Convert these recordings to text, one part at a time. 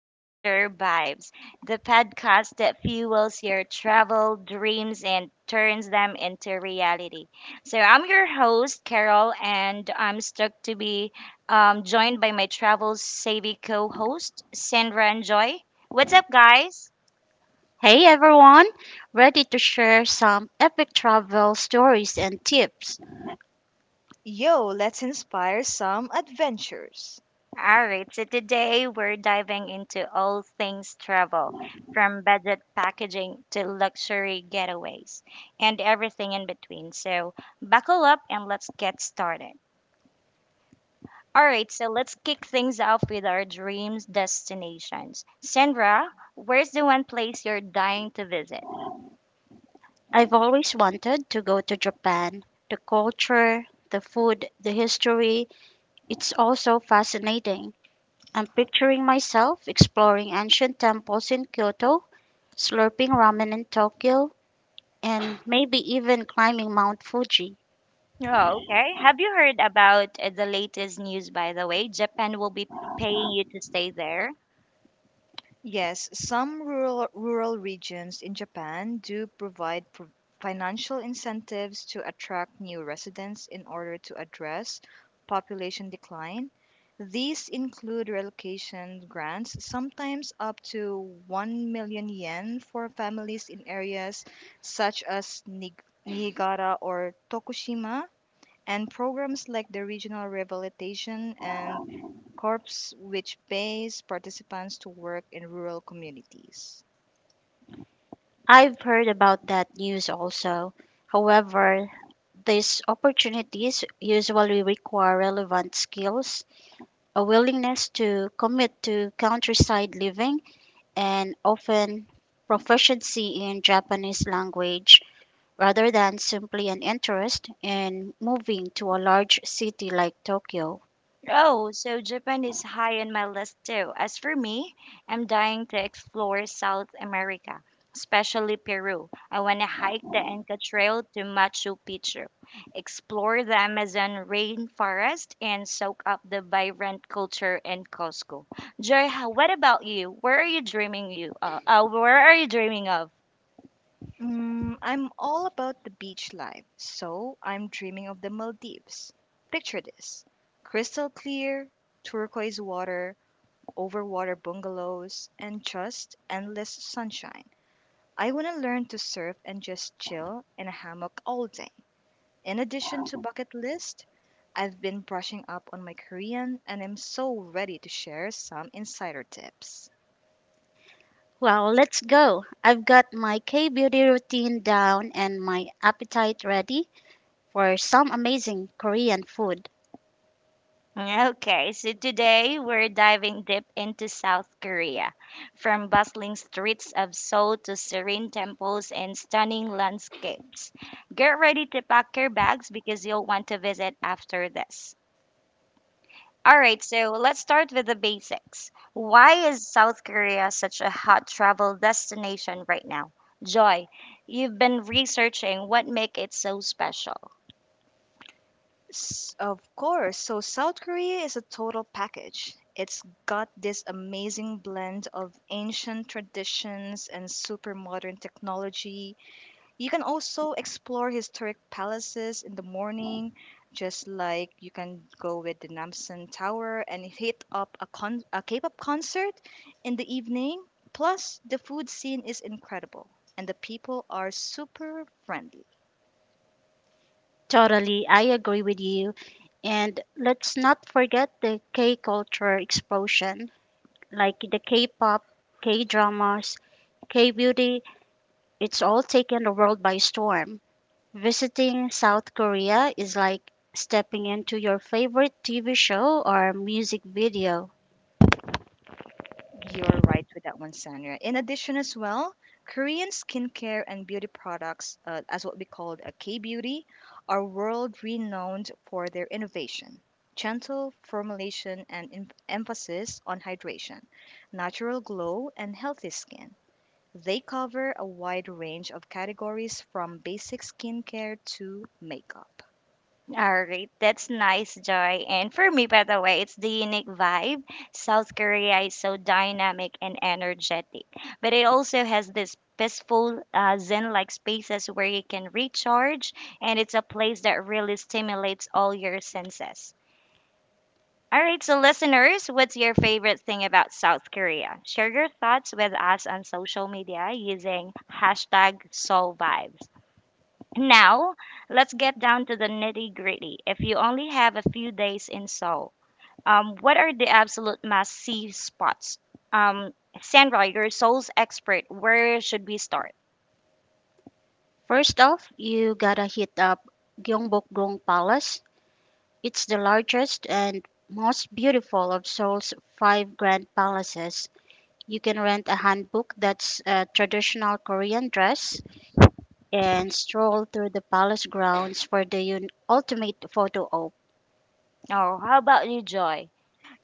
to Wander Vibes, the podcast that fuels your travel dreams and turns them into reality. So, I'm your host, Carol, and I'm stoked to be joined by my travel savvy co host, Sandra and Joy. What's up, guys? Hey everyone, ready to share some epic travel stories and tips? Yo, let's inspire some adventures. All right, so today we're diving into all things travel, from budget packaging to luxury getaways and everything in between. So buckle up and let's get started. All right, so let's kick things off with our dreams destinations. Sandra, where's the one place you're dying to visit? I've always wanted to go to Japan. The culture, the food, the history, it's all so fascinating. I'm picturing myself exploring ancient temples in Kyoto, slurping ramen in Tokyo, and maybe even climbing Mount Fuji. Oh, okay. Have you heard about the latest news, by the way? Japan will be paying you to stay there. Yes, some rural regions in Japan do provide financial incentives to attract new residents in order to address population decline. These include relocation grants, sometimes up to 1 million yen for families in areas such as Niigata or Tokushima, and programs like the Regional Rehabilitation and corps which pays participants to work in rural communities. I've heard about that news also. However, these opportunities usually require relevant skills, a willingness to commit to countryside living, and often proficiency in Japanese language rather than simply an interest in moving to a large city like Tokyo. Oh, so Japan is high on my list too. As for me, I'm dying to explore South America, especially Peru. I want to hike the Inca Trail to Machu Picchu, explore the Amazon rainforest, and soak up the vibrant culture in Cusco. Joy, what about you? Where are you dreaming you? Where are you dreaming of? I'm all about the beach life, so I'm dreaming of the Maldives. Picture this crystal clear, turquoise water, overwater bungalows, and just endless sunshine. I want to learn to surf and just chill in a hammock all day. In addition to bucket list, I've been brushing up on my Korean and am so ready to share some insider tips. Well, let's go. I've got my K beauty routine down and my appetite ready for some amazing Korean food. Okay, so today we're diving deep into South Korea. From bustling streets of Seoul to serene temples and stunning landscapes. Get ready to pack your bags because you'll want to visit after this. All right, so let's start with the basics. Why is South Korea such a hot travel destination right now? Joy, you've been researching what make it so special. Of course. So South Korea is a total package. It's got this amazing blend of ancient traditions and super modern technology. You can also explore historic palaces in the morning, just like you can go with the Namsan Tower and hit up a K-pop concert in the evening. Plus, the food scene is incredible and the people are super friendly. Totally, I agree with you. And let's not forget the K culture explosion, like the K pop, K dramas, K beauty, it's all taken the world by storm. Visiting South Korea is like stepping into your favorite TV show or music video. You're right with that one, Sandra. In addition, as well, Korean skincare and beauty products, as what we call a K beauty, are world renowned for their innovation, gentle formulation, and emphasis on hydration, natural glow, and healthy skin. They cover a wide range of categories from basic skincare to makeup. All right, that's nice, Joy. And for me, by the way, it's the unique vibe. South Korea is so dynamic and energetic, but it also has this peaceful, zen like spaces where you can recharge, and it's a place that really stimulates all your senses. All right, so listeners, what's your favorite thing about South Korea? Share your thoughts with us on social media using hashtag SoulVibes. Now, let's get down to the nitty gritty. If you only have a few days in Seoul, what are the absolute must see spots? Um, Sandra, your Seoul's expert, where should we start? First off, you gotta hit up Gyeongbokgung Palace. It's the largest and most beautiful of Seoul's five grand palaces. You can rent a hanbok that's a traditional Korean dress and stroll through the palace grounds for the ultimate photo op. Oh, how about you, Joy?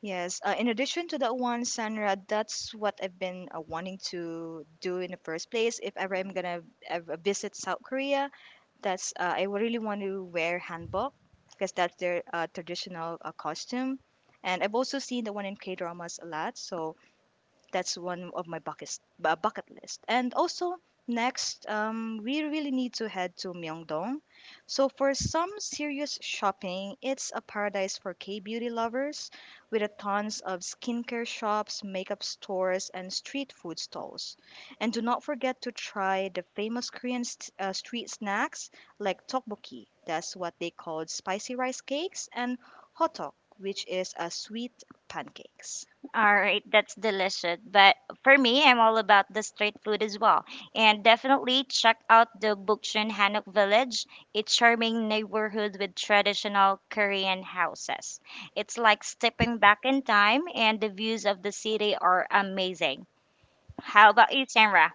Yes. In addition to that one, Sandra, that's what I've been wanting to do in the first place. If ever I'm gonna ever visit South Korea, that's I would really want to wear hanbok because that's their traditional costume. And I've also seen the one in K dramas a lot, so that's one of my bucket list. And also next, we really need to head to Myeongdong. So for some serious shopping, it's a paradise for K-beauty lovers with a tons of skincare shops, makeup stores, and street food stalls. And do not forget to try the famous Korean street snacks like tteokbokki. That's what they call spicy rice cakes and hotok, which is a sweet pancakes. All right, that's delicious. But for me, I'm all about the street food as well. And definitely check out the Bukchon Hanok Village, a charming neighborhood with traditional Korean houses. It's like stepping back in time, and the views of the city are amazing. How about you, Tamra?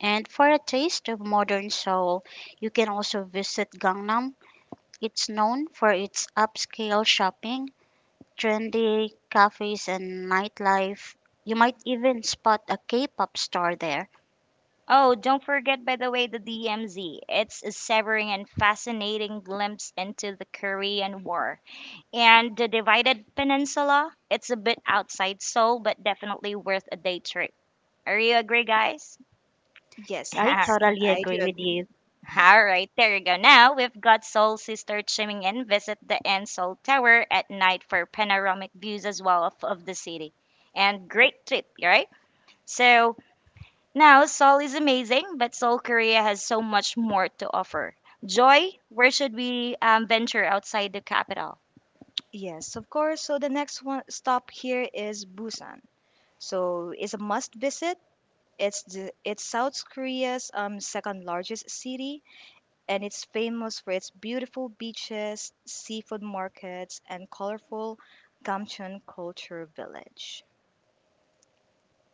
And for a taste of modern Seoul, you can also visit Gangnam. It's known for its upscale shopping, trendy cafes, and nightlife. You might even spot a K-pop star there. Oh, don't forget, by the way, the DMZ. It's a severing and fascinating glimpse into the Korean War. And the Divided Peninsula, it's a bit outside Seoul, but definitely worth a day trip. Are you agree, guys? Yes, I yes, totally I do agree with agree. you. All right, there you go. Now we've got Seoul Sister chiming in. Visit the N Seoul Tower at night for panoramic views as well of the city. And great trip, right? So now Seoul is amazing, but Seoul, Korea has so much more to offer. Joy, where should we venture outside the capital? Yes, of course. So the next one stop here is Busan. So it's a must visit. It's South Korea's second largest city, and it's famous for its beautiful beaches, seafood markets, and colorful Gamcheon culture village.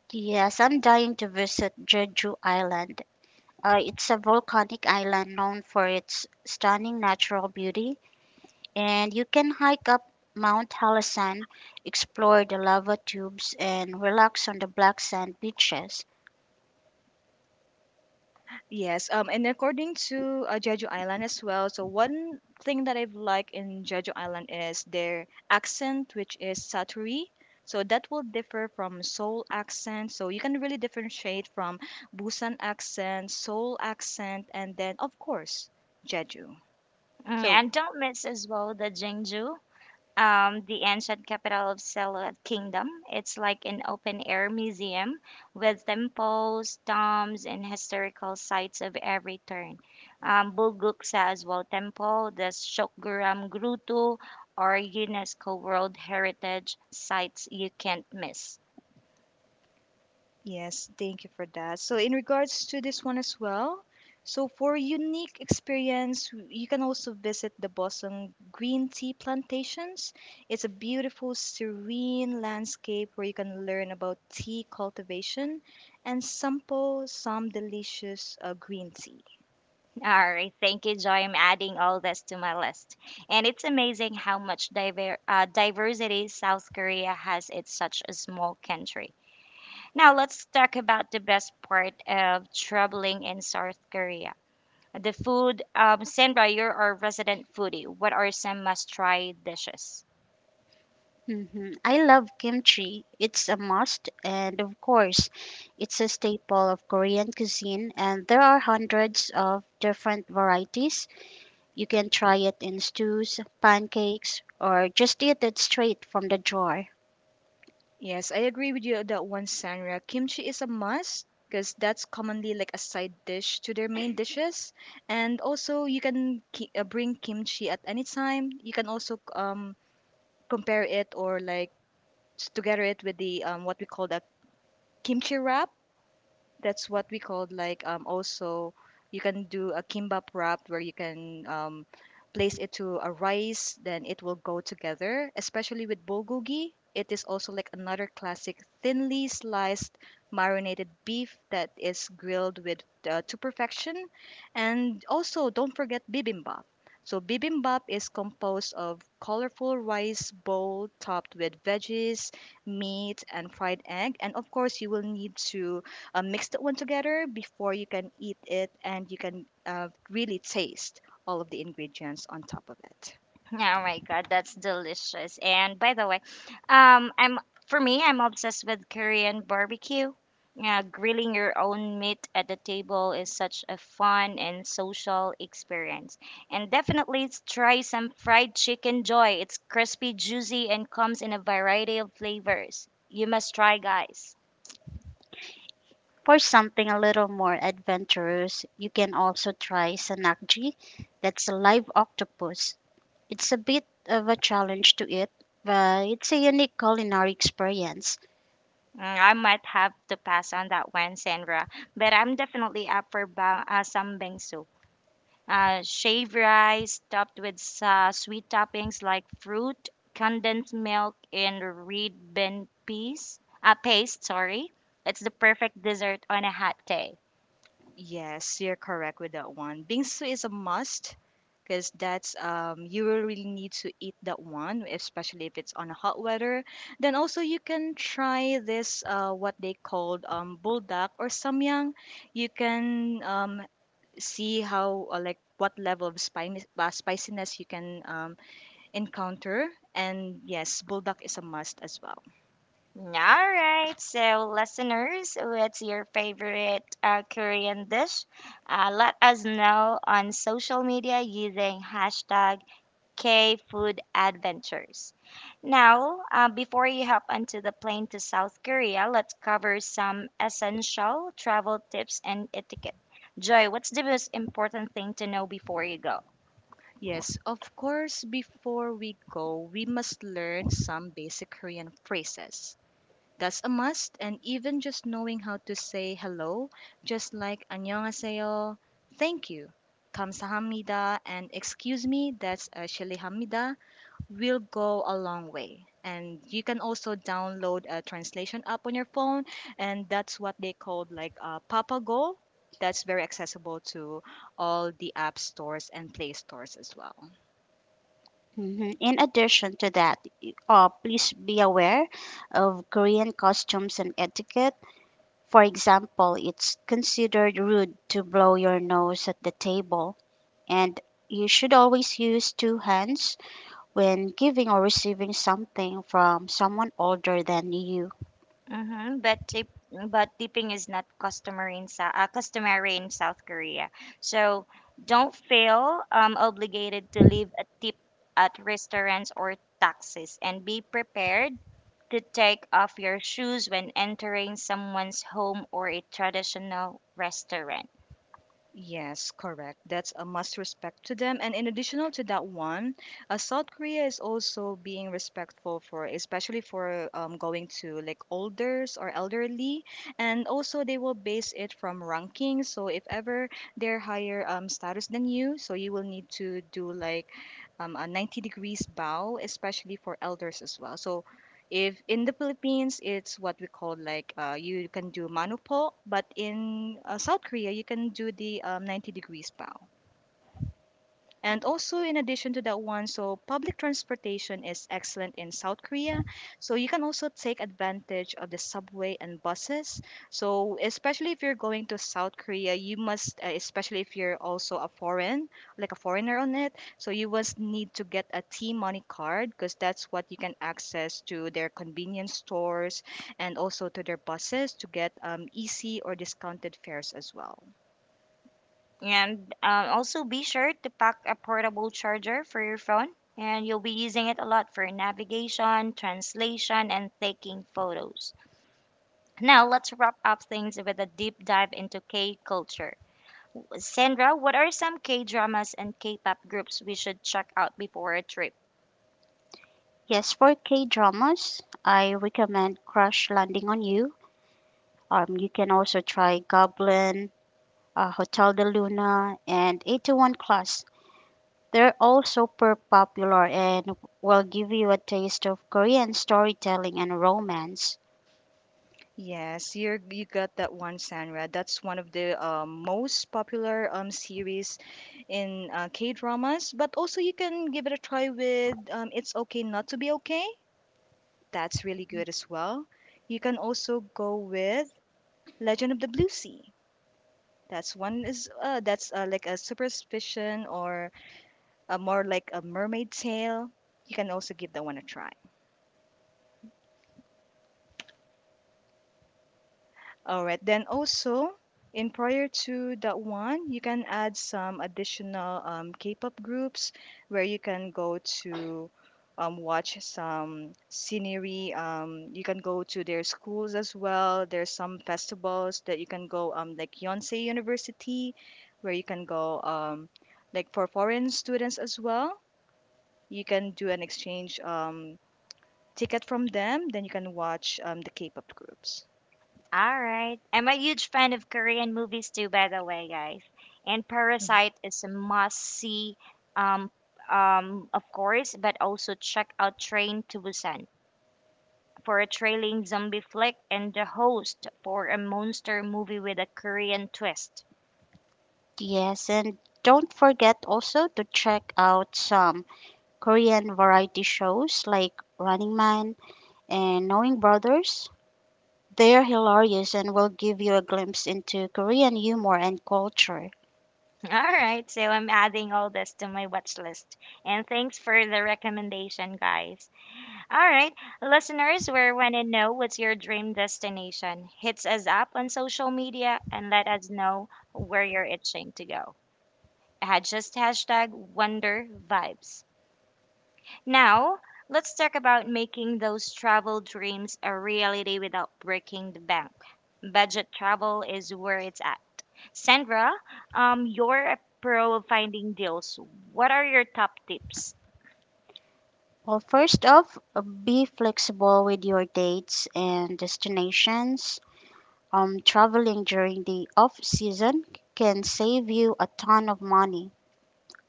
Yes, I'm dying to visit Jeju Island. It's a volcanic island known for its stunning natural beauty, and you can hike up Mount Halasan, explore the lava tubes, and relax on the black sand beaches. Yes, and according to Jeju Island as well, so one thing that I've liked in Jeju Island is their accent, which is Saturi. So that will differ from Seoul accent. So you can really differentiate from Busan accent, Seoul accent, and then of course Jeju. Mm, So and don't miss as well the Jeonju, the ancient capital of Silla Kingdom. It's like an open air museum with temples, tombs, and historical sites of every turn. Bulguksa as well temple, the Shokguram Grutu, or UNESCO World Heritage sites you can't miss. yes, thank you for that. So, in regards to this one as well, so for unique experience, you can also visit the Bosong Green Tea Plantations. It's a beautiful, serene landscape where you can learn about tea cultivation and sample some delicious green tea. All right, thank you, Joy. I'm adding all this to my list. And it's amazing how much diversity South Korea has. It's such a small country. Now let's talk about the best part of traveling in South Korea. The food. Sandra, you're our resident foodie. What are some must-try dishes? Mhm. I love kimchi. It's a must, and of course, it's a staple of Korean cuisine, and there are hundreds of different varieties. You can try it in stews, pancakes, or just eat it straight from the jar. Yes, I agree with you on that one, Sandra. Kimchi is a must because that's commonly like a side dish to their main dishes. And also, you can bring kimchi at any time. You can also compare it or like together it with the what we call the kimchi wrap, that's what we called like also you can do a kimbap wrap where you can place it to a rice, then it will go together, especially with bulgogi. It is also like another classic thinly sliced marinated beef that is grilled with to perfection. And also don't forget bibimbap. So bibimbap is composed of colorful rice bowl topped with veggies, meat and fried egg, and of course you will need to mix that one together before you can eat it, and you can really taste all of the ingredients on top of it. Oh my god, that's delicious. And by the way, I'm for me, I'm obsessed with Korean barbecue. Yeah, grilling your own meat at the table is such a fun and social experience. And definitely try some fried chicken joy. It's crispy, juicy, and comes in a variety of flavors. You must try, guys. For something a little more adventurous, you can also try sanakji. That's a live octopus. It's a bit of a challenge to eat, but it's a unique culinary experience. Mm, I might have to pass on that one, Sandra, but I'm definitely up for some bingsu. Uh, shaved rice topped with sweet toppings like fruit, condensed milk, and red bean paste. Sorry, it's the perfect dessert on a hot day. Yes, you're correct with that one. Bingsu is a must because that's you will really need to eat that one, especially if it's on a hot weather. Then also you can try this what they called buldak or samyang. You can see how like what level of spiciness you can encounter. And yes, Bulldog is a must as well. All right, so listeners, what's your favorite Korean dish? Let us know on social media using hashtag K Food Adventures. Now, before you hop onto the plane to South Korea, let's cover some essential travel tips and etiquette. Joy, what's the most important thing to know before you go? Yes, of course, before we go, we must learn some basic Korean phrases. That's a must, and even just knowing how to say hello, just like 안녕하세요, thank you, 감사합니다, and excuse me, that's a 실례합니다, will go a long way. And you can also download a translation app on your phone, and that's what they called like Papago. That's very accessible to all the app stores and play stores as well. Mhm. In addition to that, please be aware of Korean costumes and etiquette. For example, it's considered rude to blow your nose at the table, and you should always use two hands when giving or receiving something from someone older than you. Mm-hmm. But tipping is not customary in South customary in South Korea. So don't feel obligated to leave a tip at restaurants or taxis, and be prepared to take off your shoes when entering someone's home or a traditional restaurant. Yes, correct. That's a must respect to them. And in additional to that one, South Korea is also being respectful for, especially for going to like olders or elderly, and also they will base it from ranking. So if ever they're higher status than you, so you will need to do like a 90 degrees bow, especially for elders as well. So if in the Philippines, it's what we call like you can do manupo, but in South Korea, you can do the 90 degrees bow. And also, in addition to that one, so public transportation is excellent in South Korea. So you can also take advantage of the subway and buses. So especially if you're going to South Korea, you must, especially if you're also a foreign, like a foreigner on it, so you must need to get a T Money card because that's what you can access to their convenience stores and also to their buses to get easy or discounted fares as well. And also be sure to pack a portable charger for your phone, and you'll be using it a lot for navigation, translation, and taking photos. Now, let's wrap up things with a deep dive into K culture. Sandra, what are some K dramas and K pop groups we should check out before a trip? Yes, for K dramas, I recommend Crash Landing on You. You can also try Goblin, Hotel de Luna, and 81 Class. They're all super popular and will give you a taste of Korean storytelling and romance. Yes, you're, you got that one, Sandra. That's one of the most popular series in K dramas. But also, you can give it a try with It's Okay Not to Be Okay. That's really good as well. You can also go with Legend of the Blue Sea. That's one is that's like a superstition or a more like a mermaid tale. You can also give that one a try. All right. Then also, in prior to that one, you can add some additional K-pop groups where you can go to watch some scenery. You can go to their schools as well. There's some festivals that you can go, like Yonsei University, where you can go, like for foreign students as well. You can do an exchange ticket from them. Then you can watch the K-pop groups. All right. I'm a huge fan of Korean movies too, by the way, guys. And Parasite is a must see, um, of course, but also check out Train to Busan for a trailing zombie flick and The Host for a monster movie with a Korean twist. Yes, and don't forget also to check out some Korean variety shows like Running Man and Knowing Brothers. They're hilarious and will give you a glimpse into Korean humor and culture. All right, so I'm adding all this to my watch list. And thanks for the recommendation, guys. All right, listeners, we want to know what's your dream destination. Hit us up on social media and let us know where you're itching to go. Had just hashtag Wonder Vibes. Now, let's talk about making those travel dreams a reality without breaking the bank. Budget travel is where it's at. Sandra, you're a pro of finding deals. What are your top tips? Well, first off, be flexible with your dates and destinations. Traveling during the off season can save you a ton of money.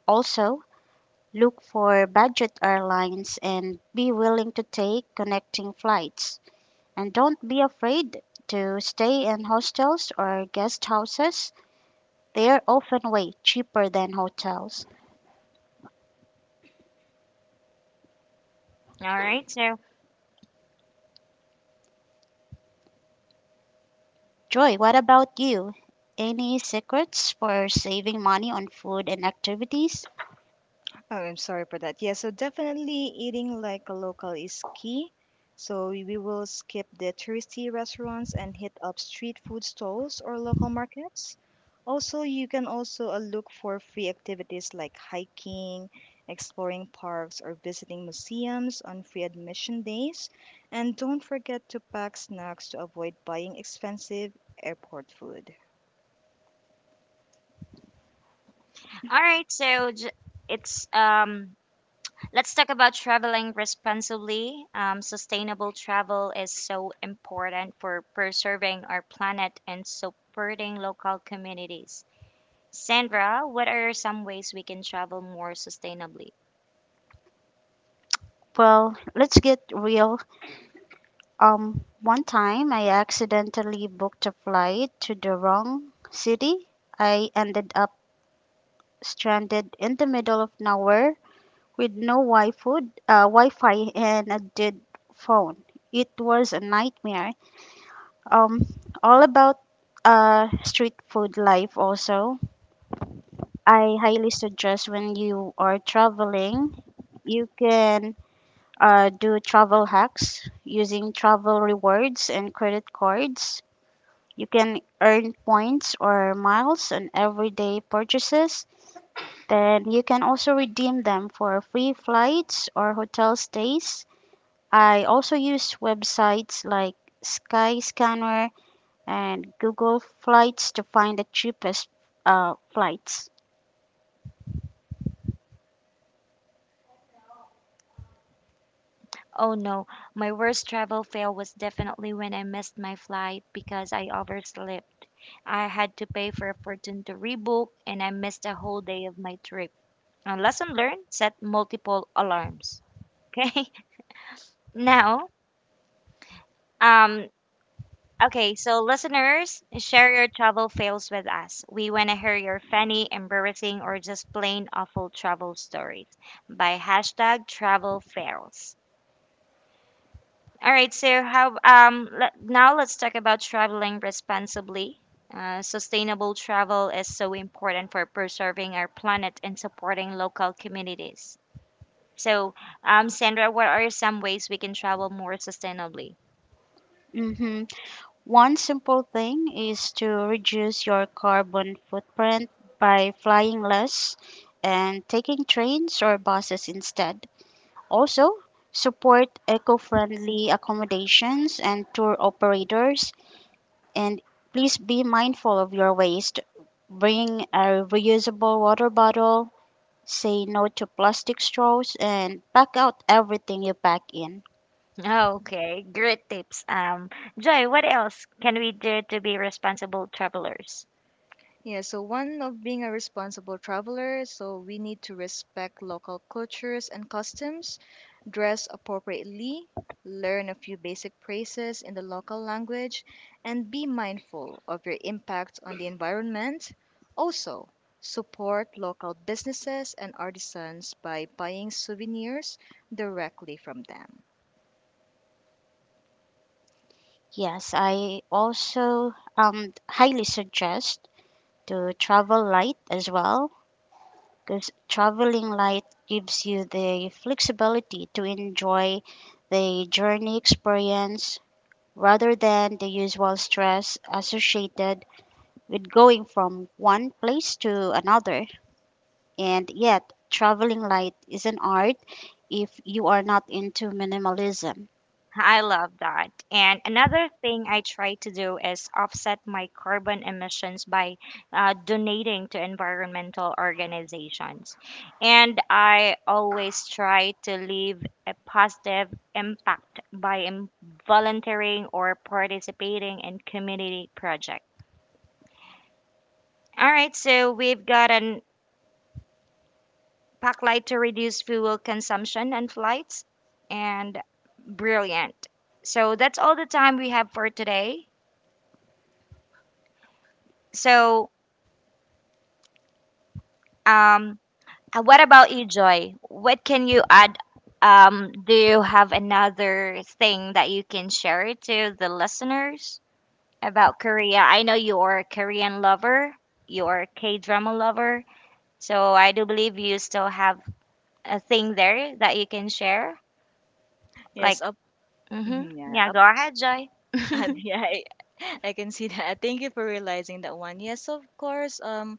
Also, look for budget airlines and be willing to take connecting flights. And don't be afraid to stay in hostels or guest houses. They are often way cheaper than hotels. All right, so Joy, what about you? Any secrets for saving money on food and activities? Oh, I'm sorry for that. Yeah, so definitely eating like a local is key. So we will skip the touristy restaurants and hit up street food stalls or local markets. Also, you can also look for free activities like hiking, exploring parks, or visiting museums on free admission days. And don't forget to pack snacks to avoid buying expensive airport food. all right, so j- it's Let's talk about traveling responsibly. Sustainable travel is so important for preserving our planet and supporting local communities. Sandra, what are some ways we can travel more sustainably? Well, let's get real. One time I accidentally booked a flight to the wrong city. I ended up stranded in the middle of nowhere with no Wi-Fi and a dead phone. It was a nightmare. Um, all about street food life also. I highly suggest when you are traveling, you can do travel hacks using travel rewards and credit cards. You can earn points or miles on everyday purchases. Then you can also redeem them for free flights or hotel stays. I also use websites like Skyscanner and Google Flights to find the cheapest flights. Oh no, my worst travel fail was definitely when I missed my flight because I overslept. I had to pay for a fortune to rebook and I missed a whole day of my trip. A lesson learned, set multiple alarms. Okay. Now, um Okay, so listeners, share your travel fails with us. We want to hear your funny, embarrassing, or just plain awful travel stories by hashtag travel fails. All right, so how let, Now let's talk about traveling responsibly. Sustainable travel is so important for preserving our planet and supporting local communities. So, Sandra, what are some ways we can travel more sustainably? Mm-hmm. One simple thing is to reduce your carbon footprint by flying less and taking trains or buses instead. Also, support eco friendly accommodations and tour operators, and please be mindful of your waste. Bring a reusable water bottle, say no to plastic straws, and pack out everything you pack in. Oh, okay, great tips. Joy, what else can we do to be responsible travelers? Yeah, so one of being a responsible traveler, so we need to respect local cultures and customs, dress appropriately, learn a few basic phrases in the local language, and be mindful of your impact on the environment. Also, support local businesses and artisans by buying souvenirs directly from them. Yes, I also highly suggest to travel light as well because traveling light gives you the flexibility to enjoy the journey experience rather than the usual stress associated with going from one place to another. And yet, traveling light is an art if you are not into minimalism. I love that. And another thing I try to do is offset my carbon emissions by donating to environmental organizations. And I always try to leave a positive impact by volunteering or participating in community projects. All right, so we've got an pack light to reduce fuel consumption on flights, and brilliant. So that's all the time we have for today. So, um, what about you, Joy? What can you add? Do you have another thing that you can share to the listeners about Korea? I know you are a Korean lover, you are a K drama lover, so I do believe you still have a thing there that you can share. Like, Yes, up, mm-hmm, mhm, yeah, yeah, up, go ahead, Joy. yeah, I can see that. Thank you for realizing that one. Yes, of course. Um,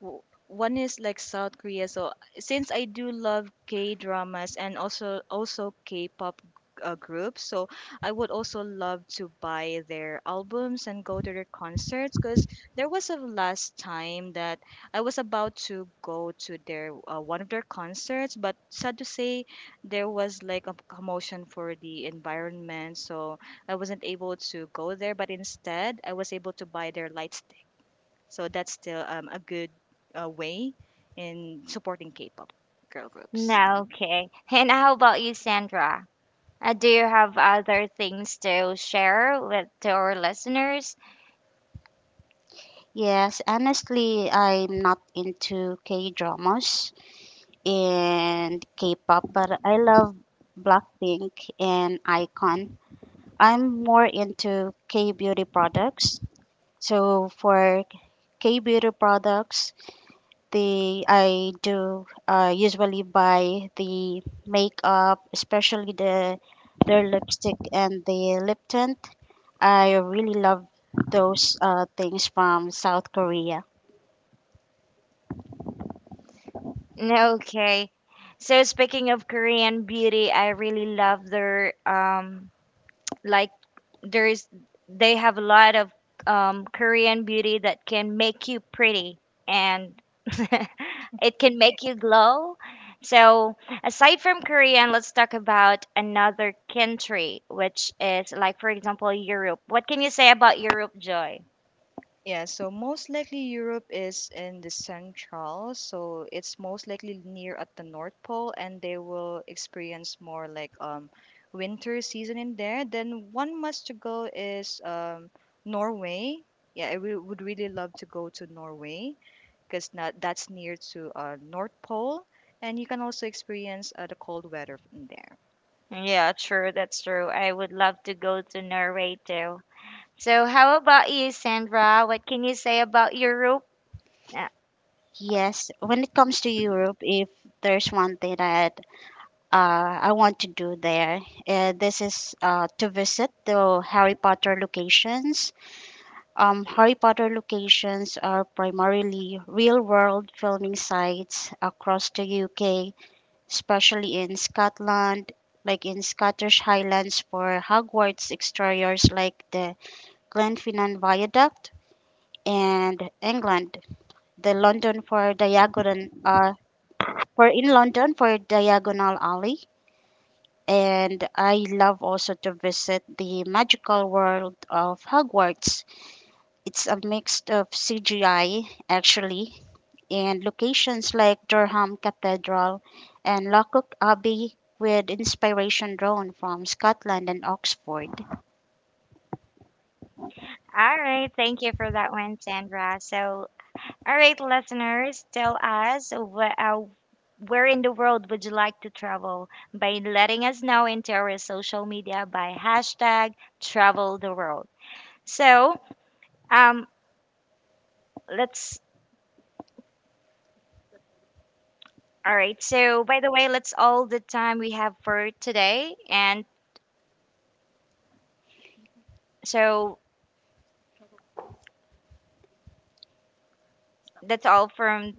w- One is like South Korea. So since I do love K dramas and also K-pop groups, so I would also love to buy their albums and go to their concerts. Cause there was a last time that I was about to go to their one of their concerts, but sad to say, there was like a commotion for the environment, so I wasn't able to go there. But instead, I was able to buy their light, so that's still a good way in supporting K-pop girl groups. No, okay. And how about you, Sandra? Do you have other things to share with to our listeners? Yes, honestly, I'm not into K dramas and K-pop, but I love Blackpink and Icon. I'm more into K-beauty products. So for K-beauty products, the I do usually buy the makeup, especially their lipstick and the lip tint. I really love those things from South Korea. No, okay. So speaking of Korean beauty, I really love their like there's they have a lot of Korean beauty that can make you pretty and it can make you glow. So aside from Korean, let's talk about another country, which is like for example Europe. What can you say about Europe, Joy? Yeah, so most likely Europe is in the central, so it's most likely near at the North Pole, and they will experience more like winter season in there. Then one must to go is Norway. Yeah, I would really love to go to Norway because not that's near to North Pole, and you can also experience the cold weather in there. Yeah, true, that's true. I would love to go to Norway too. So how about you, Sandra? What can you say about Europe? Uh, Yes, when it comes to Europe, if there's one thing that I want to do there. This is to visit the Harry Potter locations. Harry Potter locations are primarily real world filming sites across the UK, especially in Scotland, like in Scottish Highlands for Hogwarts exteriors, like the Glenfinnan Viaduct, and England, the London for Diagonal. For in London for Diagonal Alley, and I love also to visit the magical world of Hogwarts. It's a mix of CGI, actually, and locations like Durham Cathedral and Lockwood Abbey with inspiration drawn from Scotland and Oxford. All right, thank you for that one, Sandra. So all right, listeners, tell us where in the world would you like to travel by letting us know into our social media by hashtag travel the world. So, um, let's, all right, so by the way, that's all the time we have for today. And so that's all from